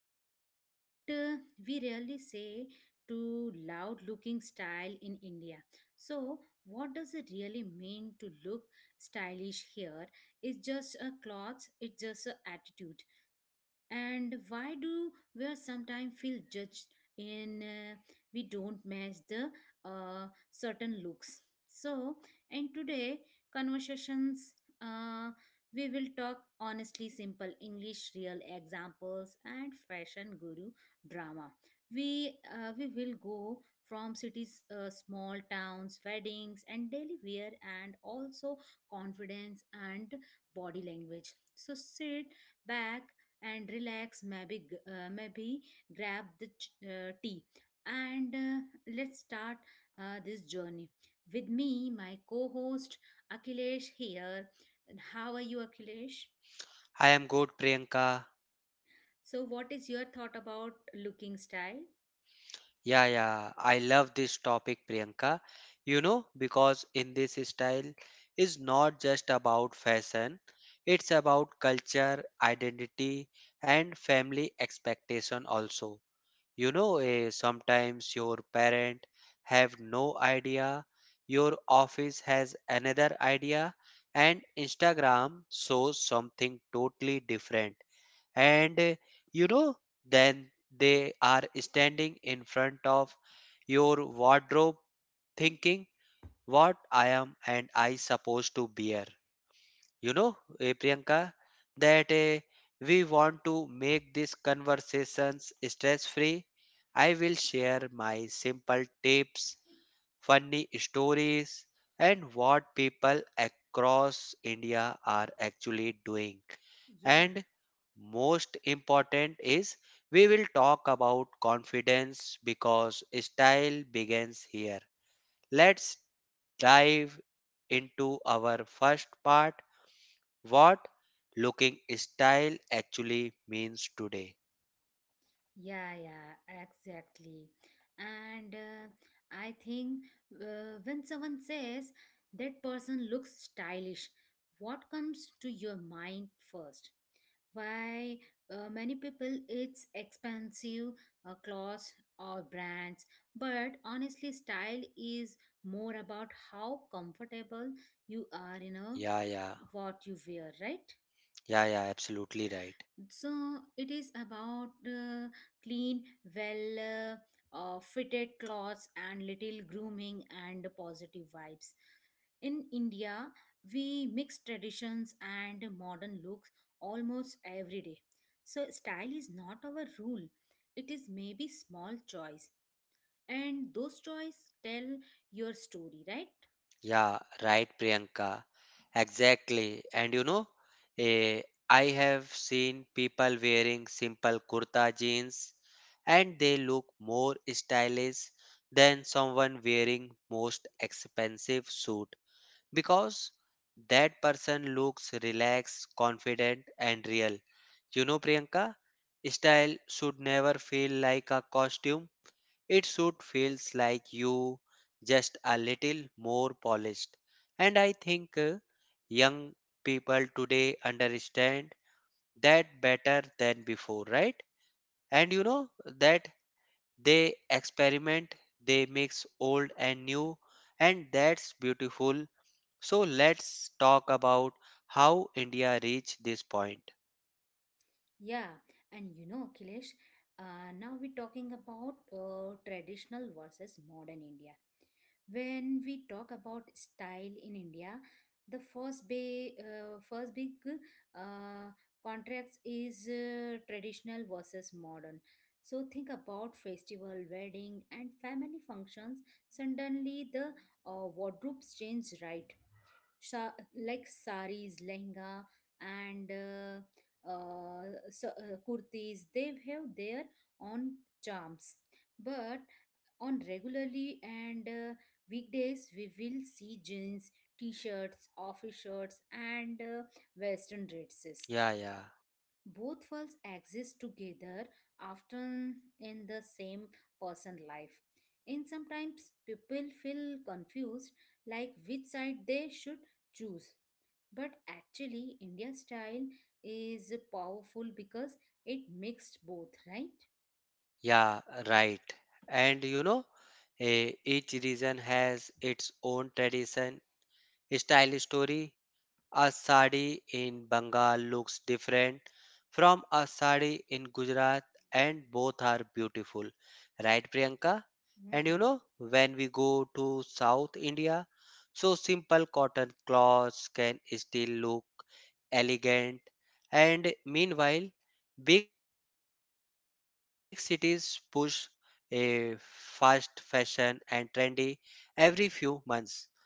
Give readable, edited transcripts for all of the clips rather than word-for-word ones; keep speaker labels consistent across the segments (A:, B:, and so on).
A: about, but we rarely say to loud-looking style in India. So, what does it really mean to look stylish here? It's just a clothes. It's just a attitude and why do we sometimes feel judged in we don't match the certain looks so in today conversations uh, we will talk honestly simple english real examples and fashion guru drama we will go from cities small towns weddings and daily wear and also confidence and body language so sit back and relax maybe maybe grab the tea and let's start this journey with me my co-host Akhilesh here. And how are you Akhilesh
B: I am good, Priyanka.
A: so what is your thought about looking style?
B: Yeah, I love this topic, Priyanka. You know, because in this style is not just about fashion, it's about culture, identity, and family expectation also. You know, sometimes your parent have no idea, your office has another idea, and Instagram shows something totally different and you know then they are standing in front of your wardrobe thinking what I am and I supposed to bear. You know, Priyanka, that we want to make these conversations stress free. I will share my simple tips funny stories, and what people across India are actually doing.
A: Yeah.
B: And most important is we will talk about confidence because style begins here. Let's dive into our first part what looking style actually means today.
A: Yeah, yeah, exactly. And I think when someone says that person looks stylish, what comes to your mind first? Why many people it's expensive clothes or brands, but honestly, style is more about how comfortable you are, you know,
B: Yeah, yeah,
A: what you wear, right?
B: yeah, absolutely right.
A: So it is about clean, well fitted clothes and little grooming and positive vibes. In India, we mix traditions and modern looks almost every day. So style is not our rule. It is maybe small choice and those choice tell your story, right?
B: Yeah, right, Priyanka. Exactly. And you know, eh, I have seen people wearing simple kurta jeans and they look more stylish than someone wearing most expensive suit because that person looks relaxed, confident and real. You know, Priyanka, style should never feel like a costume it should feels like you just a little more polished. And I think young people today understand that better than before, right? And you know that they experiment, they mix old and new, and that's beautiful. So let's talk about how India reached this point.
A: Yeah, and you know, Kilesh, now we're talking about traditional versus modern India. When we talk about style in india the first big uh, contrast is traditional versus modern so think about festival wedding and family functions suddenly the wardrobes change, right? Sha- like saris lehenga and kurtis they have their own charms but on regularly and weekdays we will see jeans t-shirts office shirts and western dresses,
B: Yeah, yeah,
A: both falls exist together often in the same person life and sometimes people feel confused like which side they should choose but actually india style is powerful because it mixed both, right?
B: yeah, right. And you know, each region has its own tradition Style story. A sari in Bengal looks different from a sari in Gujarat, and both are beautiful. Right, Priyanka? And you
A: Mhm.
B: know, when we go to South India, so simple cotton clothes can still look elegant. And meanwhile, big cities push a fast fashion and trendy every few months so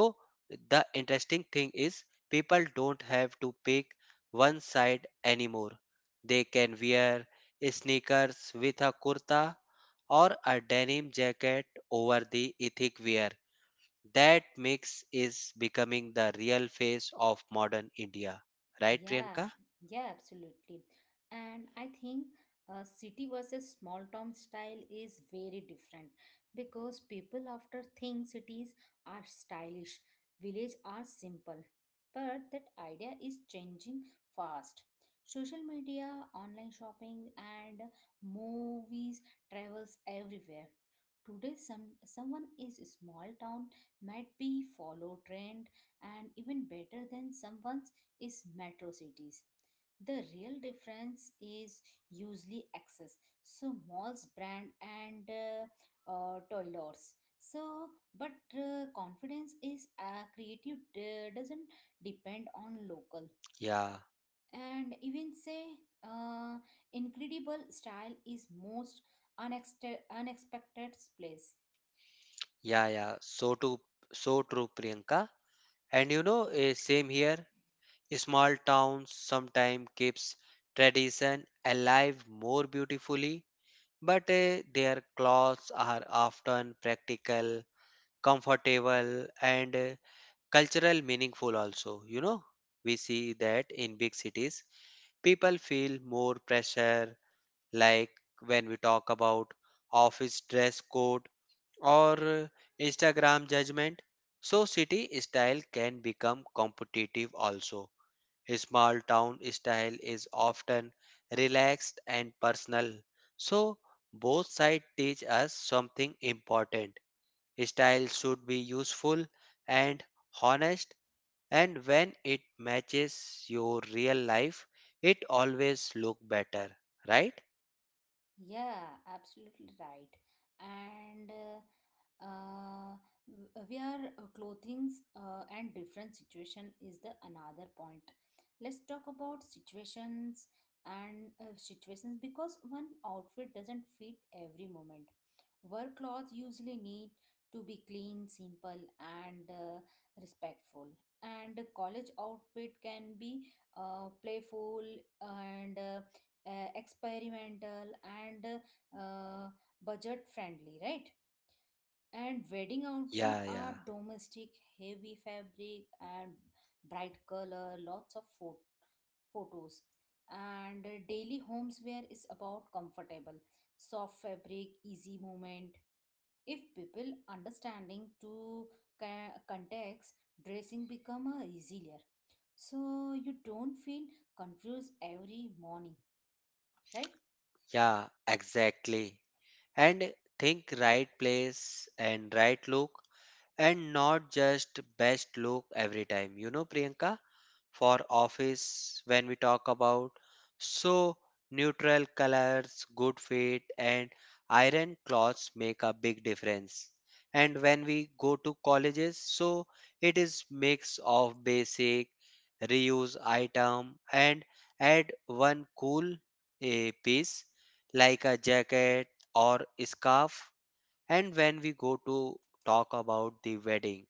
B: the interesting thing is people don't have to pick one side anymore. They can wear sneakers with a kurta or a denim jacket over the ethnic wear. That mix is becoming the real face of modern India. Right,
A: Yeah,
B: Priyanka?
A: yeah, absolutely. And I think city versus small town style is very different because people after think cities are stylish, village are simple. But that idea is changing fast. Social media, online shopping, and movies travels everywhere. Today, some someone is small town might be follow trend and even better than someone is metro cities. The real difference is usually access. So malls, brand, and toilers. So, but confidence is creative doesn't depend on local
B: Yeah,
A: and even say uh, incredible style is most unexpected place.
B: yeah. So too, so true, Priyanka. And you know, same here. Small towns sometimes keeps tradition alive more beautifully, but their clothes are often practical, comfortable, and cultural meaningful also. You know, we see that in big cities, people feel more pressure, like when we talk about office dress code or Instagram judgment. So city style can become competitive also his small town style is often relaxed and personal. So, both sides teach us something important. Style should be useful and honest, and when it matches your real life, it always look better, right?
A: Yeah, absolutely right. And where clothings and different situation is the another point. Let's talk about situations and situations because one outfit doesn't fit every moment. Work clothes usually need to be clean, simple, and respectful. And a college outfit can be playful and experimental and uh, budget friendly, right? And wedding outfit
B: Yeah,
A: are
B: yeah,
A: domestic, heavy fabric and bright color lots of photos and daily homes wear is about comfortable soft fabric easy movement if people understanding to context dressing become easier so you don't feel confused every morning, right?
B: yeah, exactly. And think right place and right look and not just best look every time. You know, Priyanka? For office when we talk about so neutral colors good fit and iron cloths make a big difference and when we go to colleges so it is mix of basic reuse item and add one cool piece like a jacket or scarf and when we go to talk about the wedding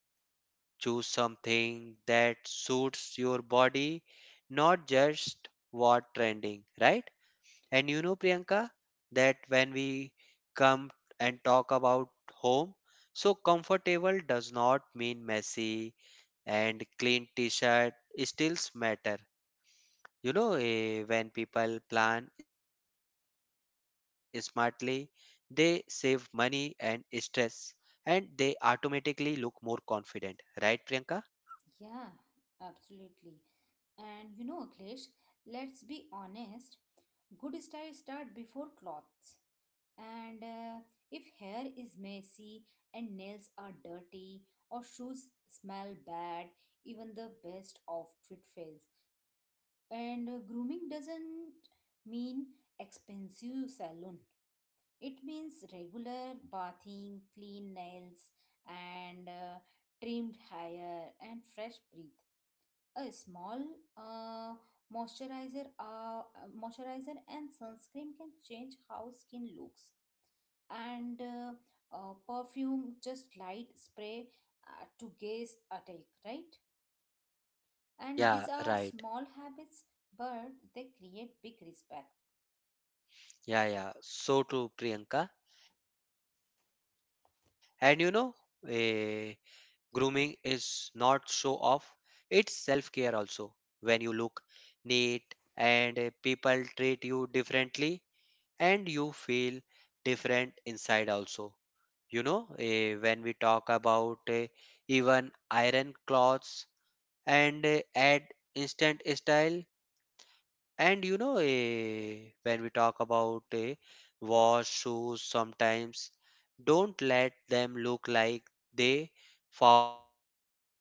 B: choose something that suits your body, not just what trending, right? And you know, Priyanka, that when we come and talk about home, so comfortable does not mean messy and clean t-shirt still matter. You know, when people plan smartly, they save money and stress and they automatically look more confident, right, Priyanka?
A: Yeah, absolutely. And you know, Akhilesh, let's be honest, good style start before clothes. And if hair is messy and nails are dirty or shoes smell bad, even the best outfit fails. And grooming doesn't mean expensive salon. It means regular bathing, clean nails, and trimmed hair and fresh breath a small uh, moisturizer uh, moisturizer and sunscreen can change how skin looks and perfume just light spray to gaze at it, right? And
B: Yeah,
A: these are
B: right.
A: small habits but they create big respect.
B: Yeah. So true, Priyanka. And you know, eh, grooming is not show off, it's self care also. When you look neat and people treat you differently, and you feel different inside also. You know, when we talk about even iron clothes and add instant style, and you know, when we talk about wash shoes, sometimes don't let them look like they fought a war.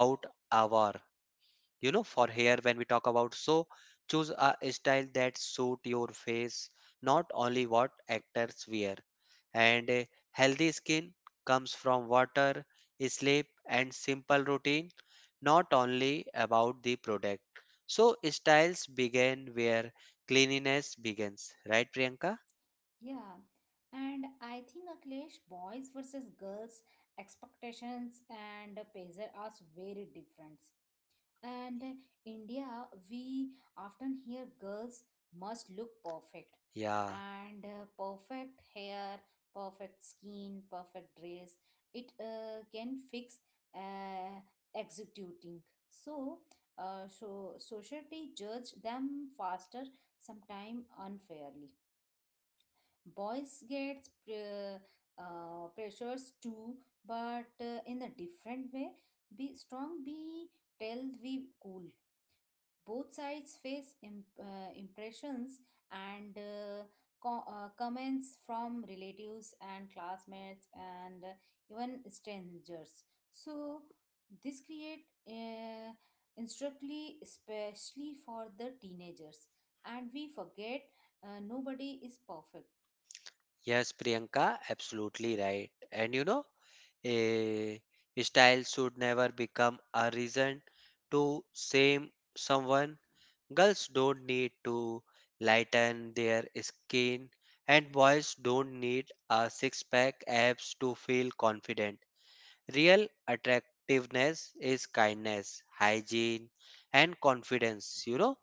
B: You know, for hair, when we talk about, so choose a style that suit your face, not only what actors wear and a healthy skin comes from water, sleep, and simple routine, not only about the product. So, styles begin where cleanliness begins, right, Priyanka?
A: Yeah and I think akhilesh boys versus girls expectations and pressure are very different. And India, we often hear girls must look perfect
B: Yeah,
A: and perfect hair, perfect skin, perfect dress. It can fix uh, executing. So, so society judge them faster, sometime unfairly. Boys get pressures too, but in a different way. Be strong, be tell we cool, both sides face im impressions and comments from relatives and classmates and even strangers. So this create instructly especially for the teenagers and we forget nobody is perfect.
B: yes, Priyanka, absolutely right. And you know, a style should never become a reason to shame someone. Girls don't need to lighten their skin, and boys don't need a six pack abs to feel confident. Real attractiveness is kindness, hygiene, and confidence, you know.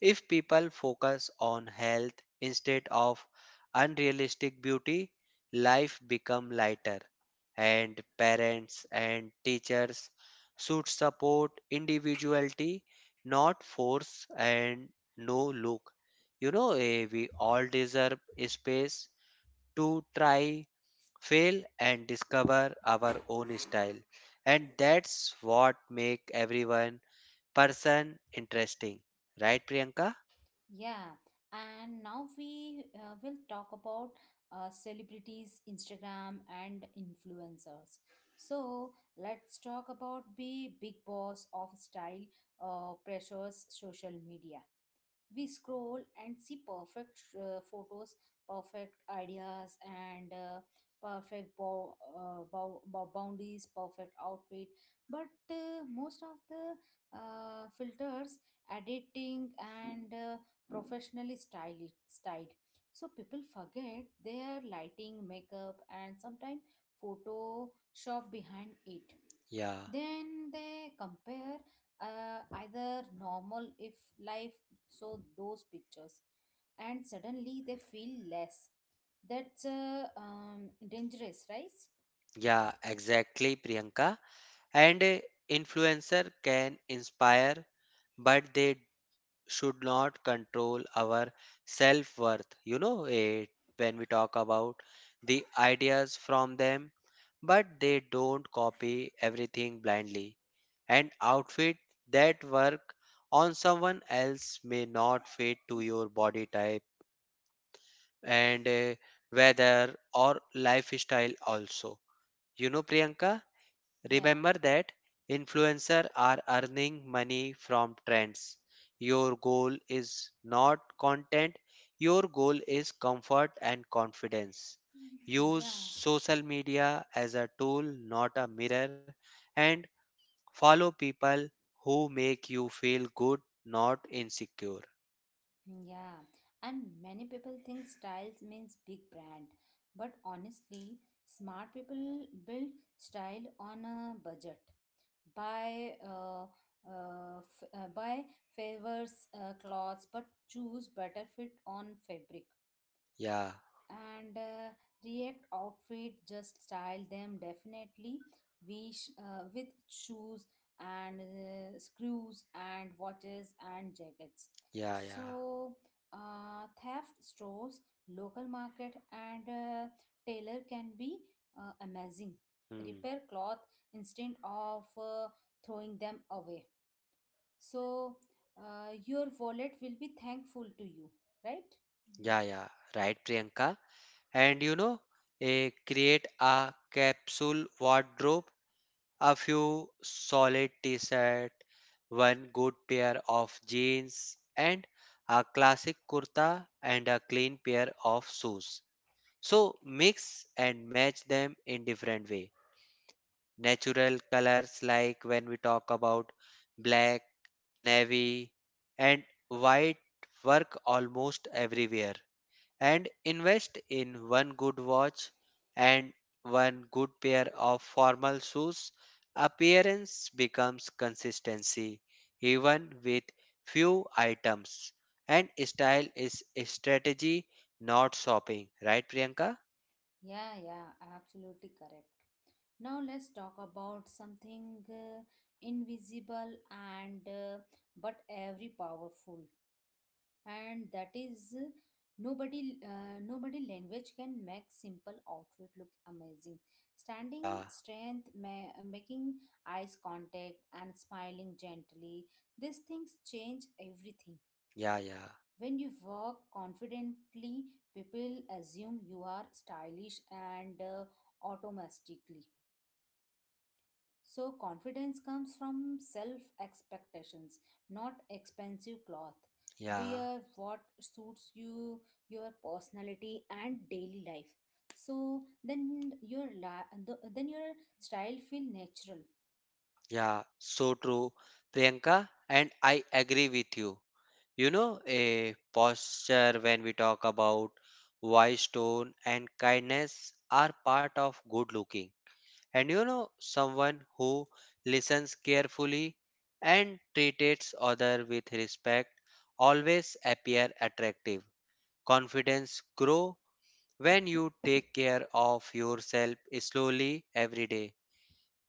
B: If people focus on health instead of unrealistic beauty, life become lighter and parents and teachers should support individuality not force and no look you know we all deserve a space to try fail and discover our own style and that's what make everyone person interesting right Priyanka.
A: Yeah, and now we will talk about celebrities, Instagram, and influencers. So let's talk about the big boss of style pressures social media, we scroll and see perfect photos perfect ideas and perfect bow boundaries perfect outfit but most of the filters editing and professionally styled so people forget their lighting makeup and sometimes photoshop behind it
B: Yeah,
A: then they compare either normal if life so those pictures and suddenly they feel less, that's dangerous, right?
B: Yeah, exactly, Priyanka. And a influencer can inspire, but they should not control our self-worth. You know, when we talk about the ideas from them, but they don't copy everything blindly. An outfit that work on someone else may not fit to your body type and weather or lifestyle also. You know, Priyanka,
A: Yeah.
B: remember that influencers are earning money from trends. Your goal is not content, your goal is comfort and confidence. Use
A: Yeah.
B: social media as a tool, not a mirror, and follow people who make you feel good, not insecure.
A: Yeah and many people think styles means big brand but honestly smart people build style on a budget buy uh, buy favors clothes but choose better fit on fabric
B: Yeah,
A: and react outfit just style them definitely with shoes and screws and watches and jackets
B: yeah, yeah.
A: so theft stores local market and tailor can be amazing
B: Hmm.
A: repair cloth instead of throwing them away so your wallet will be thankful to you, right?
B: Yeah. Right, Priyanka. And you know, a create a capsule wardrobe a few solid t-shirt, one good pair of jeans and a classic kurta and a clean pair of shoes. So mix and match them in different way. Natural colors like when we talk about black, navy and white work almost everywhere and invest in one good watch and one good pair of formal shoes, appearance becomes consistency, even with few items. And style is a strategy, not shopping. Right, Priyanka?
A: Yeah. Yeah, absolutely correct. Now let's talk about something invisible and but every powerful, and that is nobody language can make simple outfit look amazing. Standing
B: Yeah,
A: strength, making eyes contact, and smiling gently. These things change everything.
B: yeah, yeah,
A: When you walk confidently, people assume you are stylish and automatically. So, confidence comes from self expectations, not expensive cloth.
B: yeah,
A: Wear what suits you, your personality, and daily life. So then then your style feel natural.
B: yeah. So true, Priyanka. And I agree with you. You know, a posture when we talk about why stone and kindness are part of good looking. And you know, someone who listens carefully and treats other with respect always appear attractive. Confidence grow when you take care of yourself slowly every day.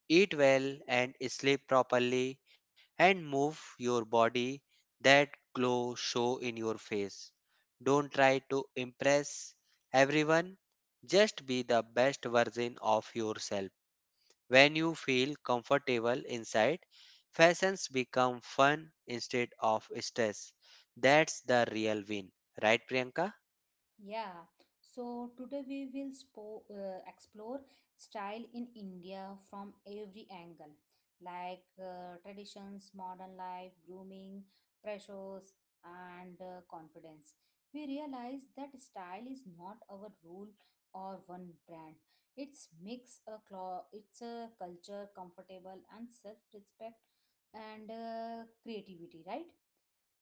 B: Eat well and sleep properly and move your body. That glow show in your face. Don't try to impress everyone. Just be the best version of yourself. When you feel comfortable inside, fashions become fun instead of stress. That's the real win. Right, Priyanka?
A: Yeah, so today we will explore style in India from every angle, like traditions, modern life, grooming, pressures, and confidence. We realize that style is not our rule or one brand. It's a culture, comfortable and self-respect and creativity, right?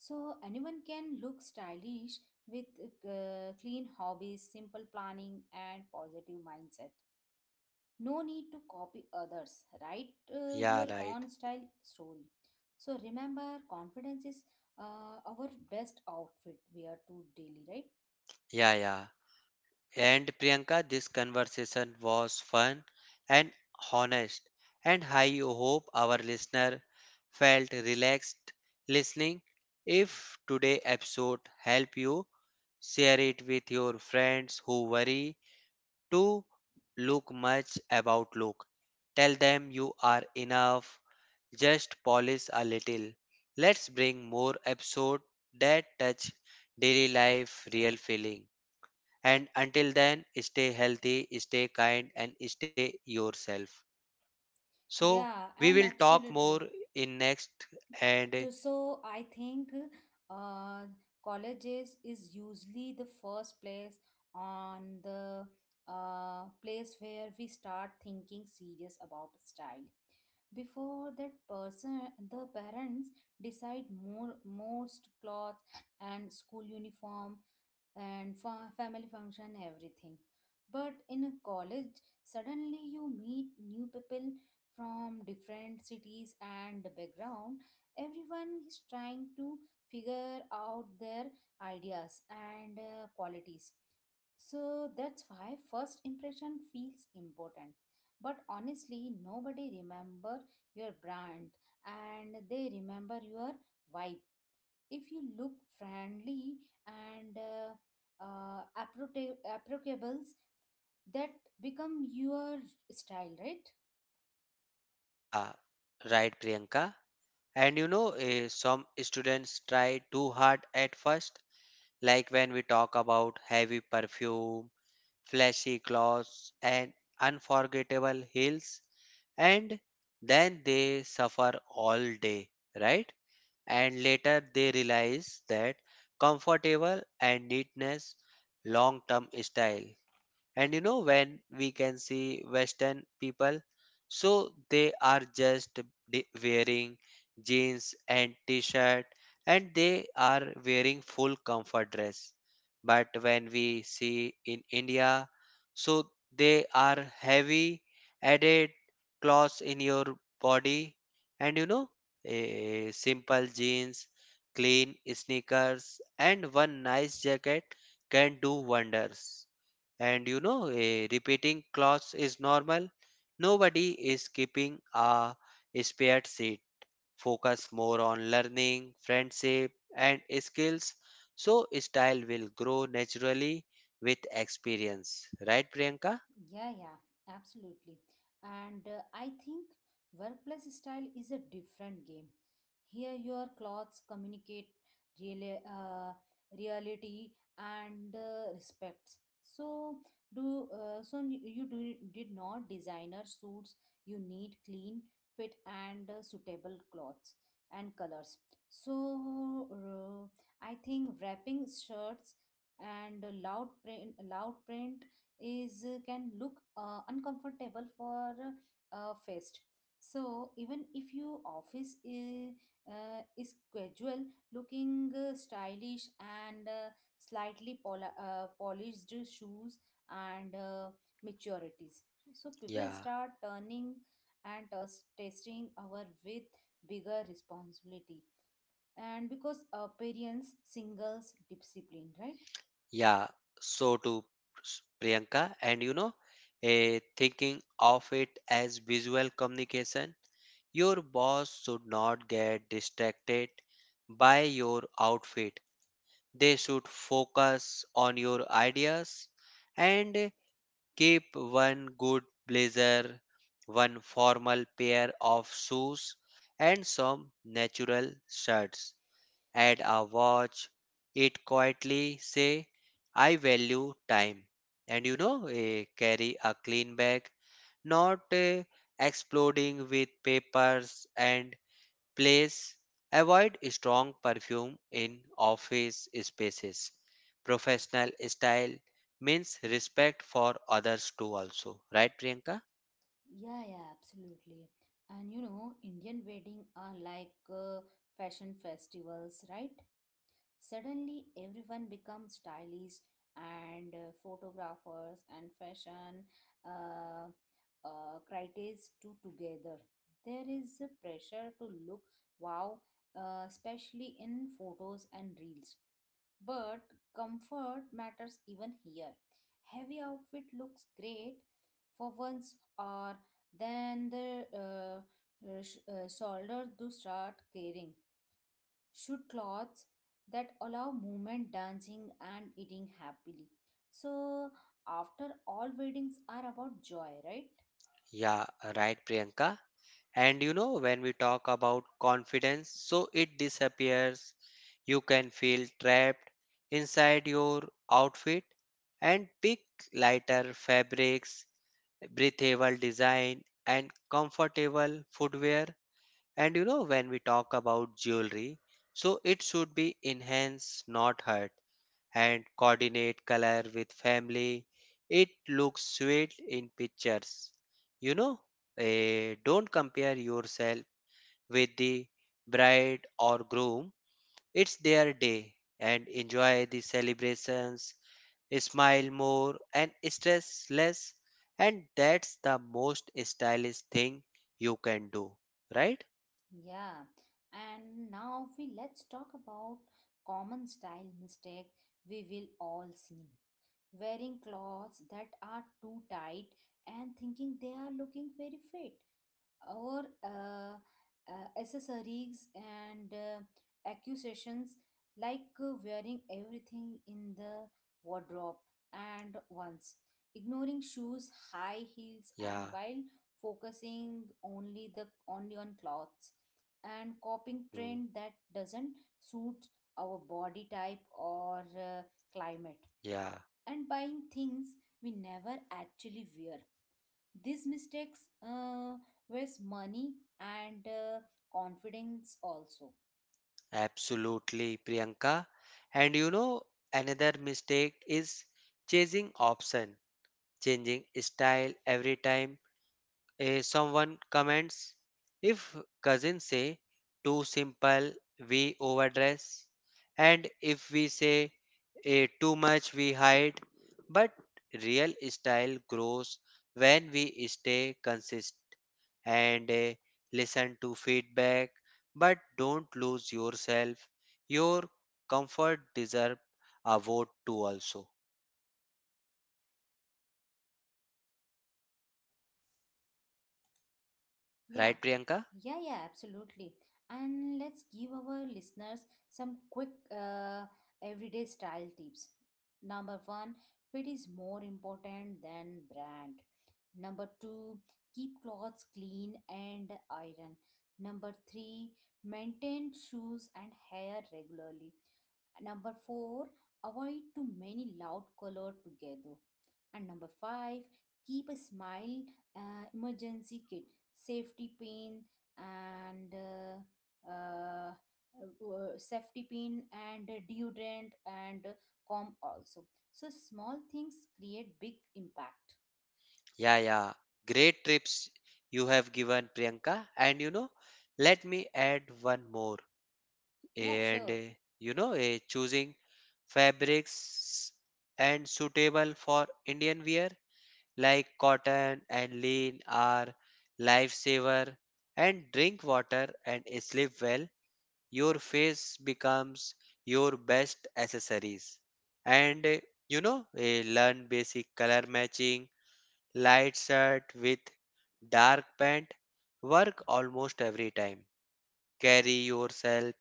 A: So anyone can look stylish with clean hobbies, simple planning, and positive mindset. No need to copy others. Write
B: Yeah,
A: your
B: right.
A: own style story. So remember, confidence is our best outfit we are to daily, right?
B: Yeah, yeah. And Priyanka, this conversation was fun and honest, and I hope our listener felt relaxed listening. If today episode help you, share it with your friends who worry to look much about look. Tell them you are enough, just polish a little. Let's bring more episode that touch daily life real feeling. And until then, stay healthy, stay kind, and stay yourself. So,
A: Yeah,
B: we will
A: and
B: talk more
A: absolutely.
B: in next. And
A: So I think uh, colleges is usually the first place on the place where we start thinking serious about style before that person the parents decide more most clothes and school uniform and family function everything but in a college suddenly you meet new people from different cities and background everyone is trying to figure out their ideas and qualities so that's why first impression feels important but honestly nobody remember your brand and they remember your vibe if you look friendly and applicable that become your style, right?
B: yeah, right, Priyanka. And you know, some students try too hard at first, like when we talk about heavy perfume, flashy clothes, and unforgettable heels, and then they suffer all day, right? And later they realize that comfortable and neatness long term style and you know when we can see western people so they are just wearing jeans and t-shirt and they are wearing full comfort dress but when we see in India so they are heavy added clothes in your body and you know a simple jeans clean sneakers and one nice jacket can do wonders and you know a repeating clause is normal nobody is keeping a spare seat focus more on learning friendship and skills so style will grow naturally with experience right Priyanka.
A: Yeah, yeah, absolutely. And I think workplace style is a different game. Here, your clothes communicate real, uh, reality and respect. So, you did not designer suits. You need clean fit and suitable clothes and colors. So, I think wrapping shirts and loud print is can look uncomfortable for first so even if your office is casual looking stylish and slightly polished shoes and maturities so people
B: yeah
A: start turning and testing our with bigger responsibility and because appearance singles discipline, right?
B: yeah so to s- Priyanka, and you know a thinking of it as visual communication your boss should not get distracted by your outfit. They should focus on your ideas and keep one good blazer, one formal pair of shoes, and some natural shirts. Add a watch. It quietly say, I value time. And you know, carry a clean bag, not exploding with papers and place avoid strong perfume in office spaces. Professional style means respect for others too also. Right Priyanka?
A: Yeah, yeah, absolutely. And you know, Indian wedding are like fashion festivals, right? Suddenly, everyone becomes stylists and photographers and fashion uh, critics too together. There is a pressure to look wow, especially in photos and reels. But comfort matters even here. Heavy outfit looks great for once, or then the shoulders do start caring should clothes that allow movement, dancing, and eating happily. So, after all, weddings are about joy, right?
B: Yeah, right Priyanka. And you know when we talk about confidence, so it disappears. You can feel trapped inside your outfit and pick lighter fabrics, breathable design and comfortable footwear. And you know, when we talk about jewelry, so it should be enhanced, not hurt, and coordinate color with family. It looks sweet in pictures. You know, don't compare yourself with the bride or groom. It's their day and enjoy the celebrations, smile more and stress less. And that's the most stylish thing you can do, right?
A: Yeah. And now we let's talk about common style mistake we will all seen. Wearing clothes that are too tight and thinking they are looking very fit, or accessories and accusations like wearing everything in the wardrobe and once
B: Yeah.
A: ignoring shoes high heels and while focusing only on clothes and copying
B: Hmm.
A: trend that doesn't suit our body type or climate
B: Yeah,
A: and buying things we never actually wear, these mistakes waste money and confidence also.
B: absolutely, Priyanka. And you know, another mistake is chasing option, changing style every time. Someone comments, if cousins say too simple, we overdress, and if we say too much, we hide. But real style grows when we stay consistent and listen to feedback, but don't lose yourself. Your comfort deserve a vote too, also,
A: Yeah,
B: right, Priyanka?
A: yeah, absolutely. And let's give our listeners some quick uh, everyday style tips. Number one, fit is more important than brand. Number two, keep clothes clean and iron. Number three, maintain shoes and hair regularly. Number four, avoid too many loud color together. And number five, keep a smile. Emergency kit, safety pin, and safety pin, and deodorant, and comb also. So small things create big impact.
B: Yeah, yeah. Great trips you have given, Priyanka. And you know, let me add one more.
A: Yeah,
B: And
A: sure.
B: uh, choosing fabrics and suitable for Indian wear like cotton and lean are lifesaver. And drink water and sleep well. Your face becomes your best accessories. And uh, learn basic color matching. Light shirt with dark pant. Work almost every time. Carry yourself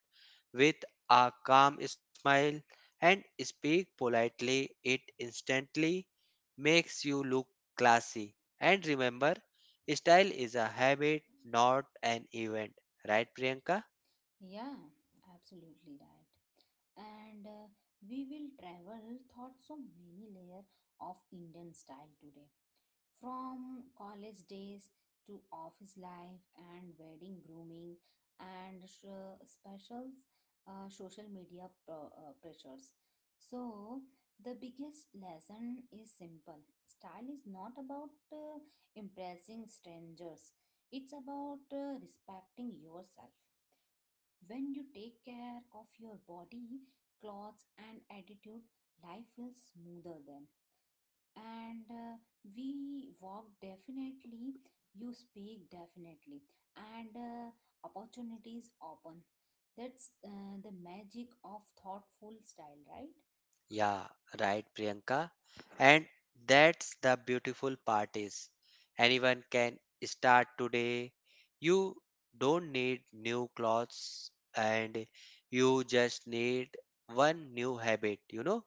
B: with a calm smile and speak politely. It instantly makes you look classy. And remember, style is a habit, not an event. Right, Priyanka?
A: Yeah, absolutely right. And we will travel thought so many layer of Indian style today. From college days to office life and wedding grooming and specials, social media pressures. So the biggest lesson is simple. Style is not about impressing strangers, it's about respecting yourself. When you take care of your body, clothes, and attitude, life feels smoother then, and we walk definitely, you speak definitely, and opportunities open. That's the magic of thoughtful style, right?
B: Yeah, right, Priyanka. And that's the beautiful part is anyone can start today. You don't need new clothes and you just need one new habit,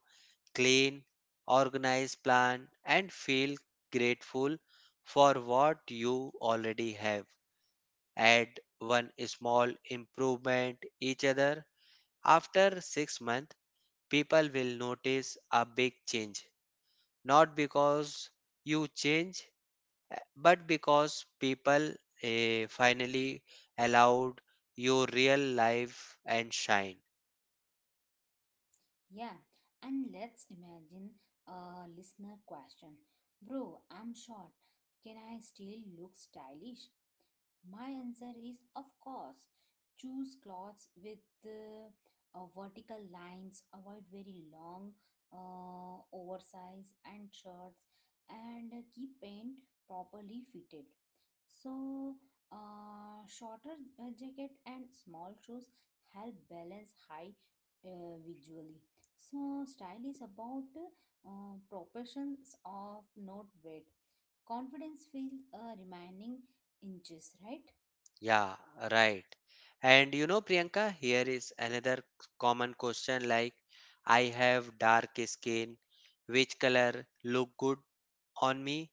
B: clean, organized plan and feel grateful for what you already have. Add one small improvement each other after 6 months people will notice a big change. Not because you change, but because people finally allowed your real life and shine.
A: Yeah, and let's imagine a listener question. Bro, I'm short, can I still look stylish? My answer is of course. Choose clothes with uh, vertical lines, avoid very long, oversized, and shirts, and keep paint properly fitted. So shorter jacket and small shoes help balance high visually. So style is about proportions of not weight. Confidence feels remaining inches, right?
B: Yeah, right. And you know, Priyanka, here is another common question like, I have dark skin, which color look good on me?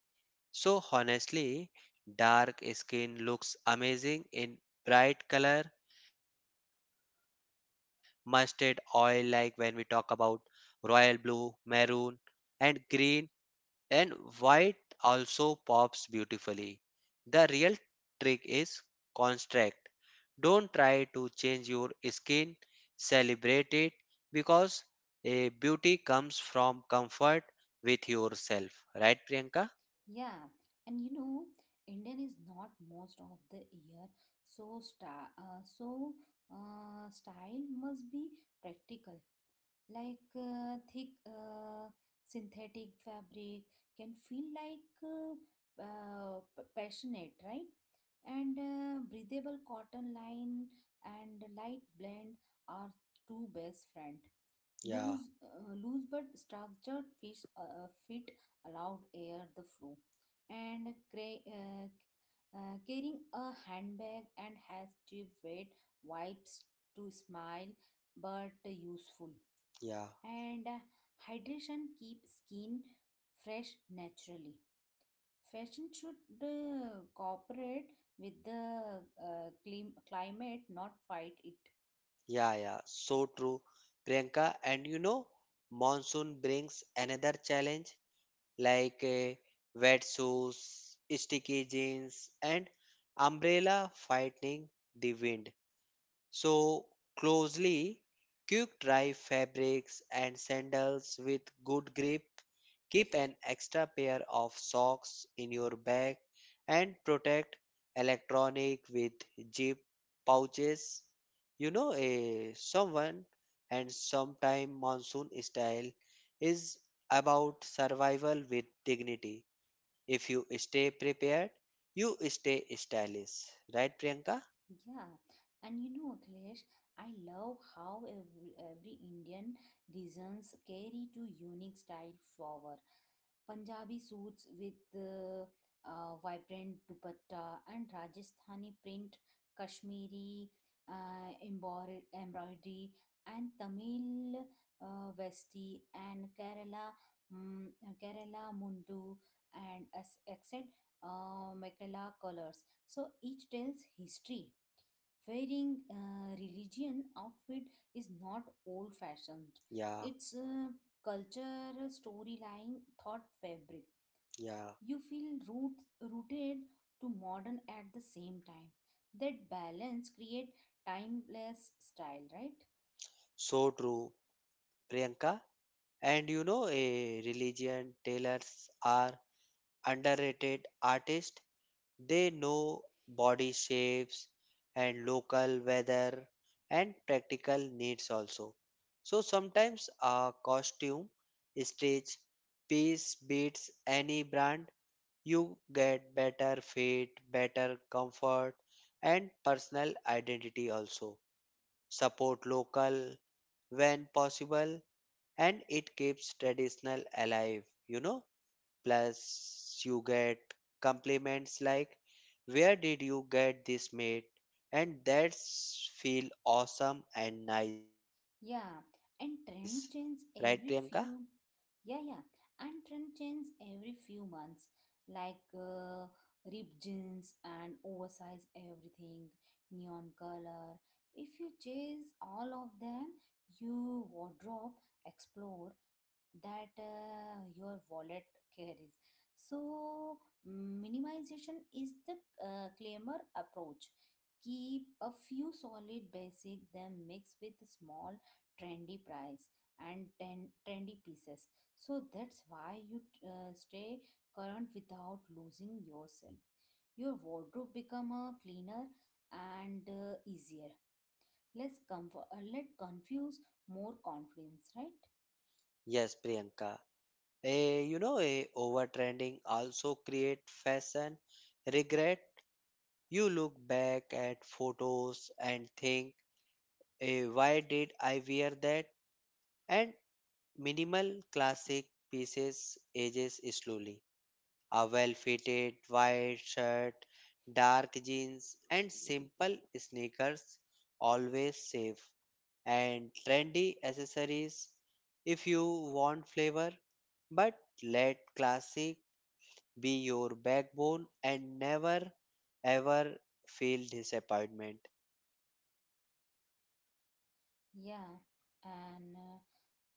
B: So honestly, dark skin looks amazing in bright color mustard oil like when we talk about royal blue, maroon and green and white also pops beautifully. The real trick is construct. Don't try to change your skin, celebrate it because a beauty comes from comfort with yourself. Right, Priyanka?
A: Yeah, and you know, Indian is not most of the year, so style must be practical. Like thick synthetic fabric can feel like passionate, right? And breathable cotton line and light blend are two best friend.
B: Yeah,
A: Loose but structured fish fit allowed air the flow, and carrying a handbag and has to wet wipes to smile but useful.
B: yeah,
A: And hydration keep skin fresh naturally. Fashion should cooperate with the climate, not fight it.
B: yeah, yeah. So true, Priyanka. And you know, monsoon brings another challenge like wet shoes, sticky jeans, and umbrella fighting the wind so closely. Quick dry fabrics and sandals with good grip. Keep an extra pair of socks in your bag and protect electronic with zip pouches. You know, a someone and sometime monsoon style is about survival with dignity. If you stay prepared, you stay stylish. Right, Priyanka?
A: Yeah, and you know, Akhilesh, I love how every Indian reasons carry two unique style forward. Punjabi suits with vibrant dupatta and Rajasthani print, Kashmiri embroidery, and Tamil vesti and Kerala mm, Kerala mundu, and except Mekhala colors. So each tells history. Wearing religion outfit is not old fashioned.
B: Yeah,
A: It's a culture storyline thought fabric.
B: yeah.
A: You feel rooted to modern at the same time. That balance create timeless style, right?
B: So true, Priyanka. And you know, a religion tailors are underrated artists. They know body shapes and local weather and practical needs also. So sometimes a costume, stitch, piece beats any brand. You get better fit, better comfort, and personal identity also. Support local when possible and it keeps traditional alive, you know plus you get compliments like where did you get this made, and that's feel awesome and nice, right,
A: Yeah,
B: Priyanka?
A: and trend change every few. Yeah, yeah, and trend change every few months, like ripped jeans and oversized everything, neon color. If you chase all of them, your wardrobe explodes that your wallet carries. So minimization is the claimer approach. Keep a few solid basic, then mix with small trendy price and ten, trendy pieces. So that's why you stay current without losing yourself. Your wardrobe become a cleaner and easier. Less comfort, let confuse, more confidence, right?
B: Yes, Priyanka. A you know a overtrending also create fashion regret. You look back at photos and think, why did I wear that? And minimal classic pieces ages slowly. A well fitted white shirt, dark jeans, and simple sneakers, always safe, and trendy accessories if you want flavor, but let classic be your backbone and never ever feel disappointment.
A: Yeah, and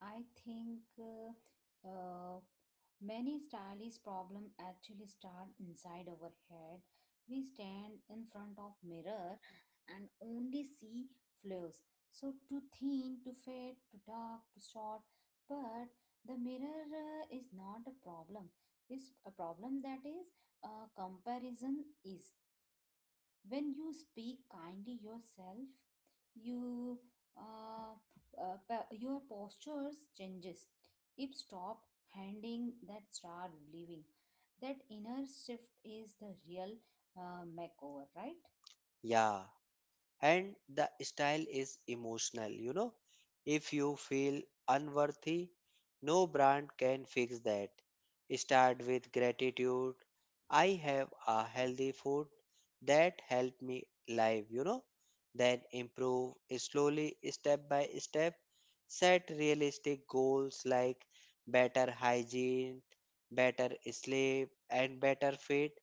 A: I think uh, many stylish problem actually start inside our head. We stand in front of mirror and only see flaws. So too thin, too fat, too dark, too short. But the mirror is not a problem. It's a problem that is comparison is. When you speak kindly yourself, you uh, your postures changes. If stop handing that start believing, that inner shift is the real makeover, right?
B: Yeah. And the style is emotional, if you feel unworthy, no brand can fix that. Start with gratitude. I have a healthy food that helped me live, then improve slowly step by step. Set realistic goals like better hygiene, better sleep and better fit.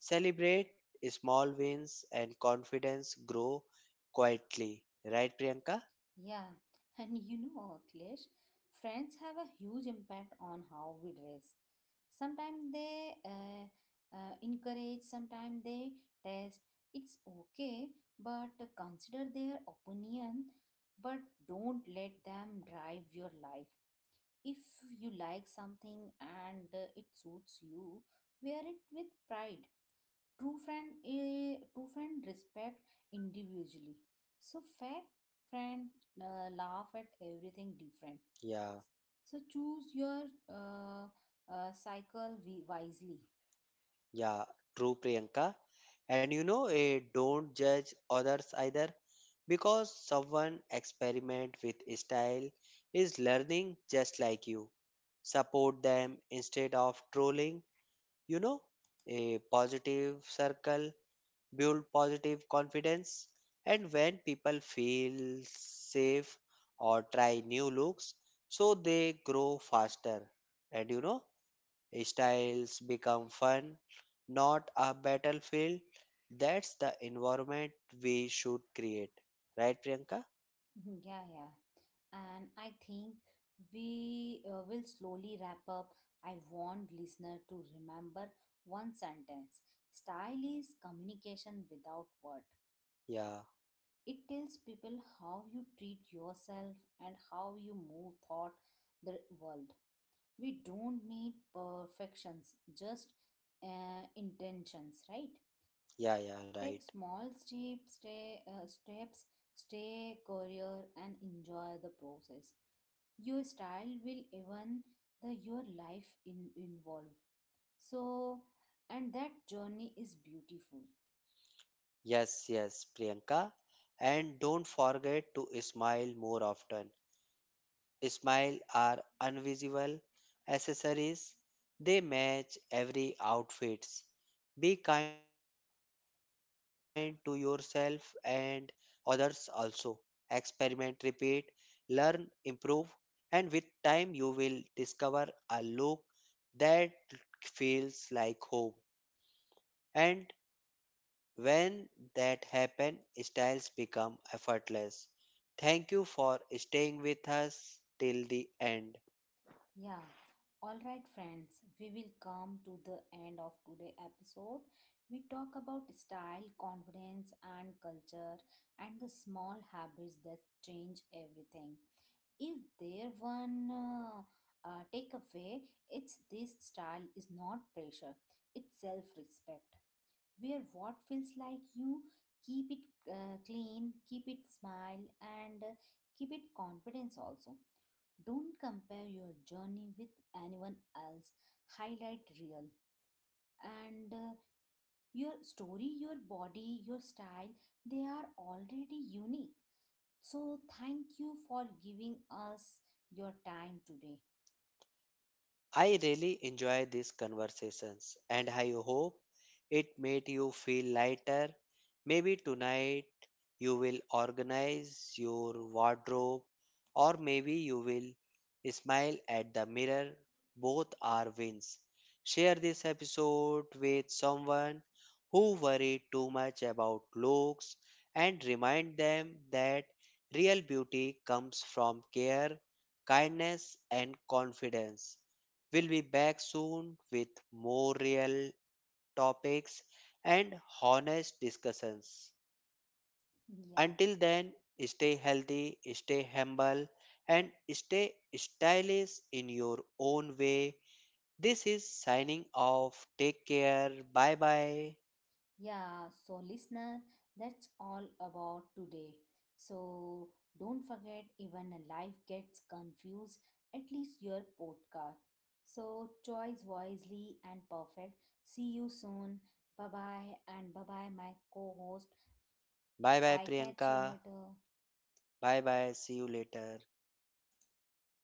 B: Celebrate small wins and confidence grow quietly. Right, Priyanka?
A: Yeah, and you know, Akhilesh, friends have a huge impact on how we dress. Sometimes they encourage, sometimes they test. It's okay, but consider their opinion, but don't let them drive your life. If you like something and it suits you, wear it with pride. A true friend respect individually. So fake friend laugh at everything different.
B: Yeah,
A: So choose your cycle wisely.
B: yeah, true, Priyanka. And you know, don't judge others either because someone experiment with style is learning just like you. Support them instead of trolling, you know, a positive circle build positive confidence. And when people feel safe or try new looks, so they grow faster. And you know, styles become fun, not a battlefield. That's the environment we should create. Right, Priyanka?
A: Mhm, yeah, yeah. And I think we will slowly wrap up. I want listener to remember one sentence. Style is communication without word.
B: Yeah,
A: It tells people how you treat yourself and how you move thought the world. We don't need perfections, just intentions, right?
B: yeah, yeah, right.
A: Take small steps, stay career and enjoy the process. Your style will even the your life in involve. So, and that journey is beautiful.
B: Yes, yes, Priyanka. And don't forget to smile more often. Smile are invisible accessories. They match every outfits. Be kind to yourself and others also. Experiment, repeat, learn, improve, and with time you will discover a look that feels like home. And when that happen, styles become effortless. Thank you for staying with us till the end.
A: Yeah. All right, friends, we will come to the end of today's episode. We talk about style, confidence, and culture, and the small habits that change everything. If there one takeaway, it's this. Style is not pressure; it's self-respect. Wear what feels like you. Keep it clean. Keep it smile, and keep it confidence also. Don't compare your journey with anyone else. Highlight real. And your story, your body, your style, they are already unique. So thank you for giving us your time today.
B: I really enjoy these conversations and I hope it made you feel lighter. Maybe tonight you will organize your wardrobe or maybe you will smile at the mirror. Both are wins. Share this episode with someone who worried too much about looks and remind them that real beauty comes from care, kindness and confidence. We'll be back soon with more real topics and honest discussions.
A: Yeah.
B: Until then, stay healthy, stay humble, and stay stylish in your own way. This is signing off. Take care. Bye bye.
A: Yeah, so listener, that's all about today. So don't forget, even a life gets confused, at least your podcast. So choice wisely and perfect. See you soon. Bye bye, and bye bye, my co host.
B: Bye bye,
A: I catch
B: Priyanka.
A: you later.
B: Bye bye. See you later.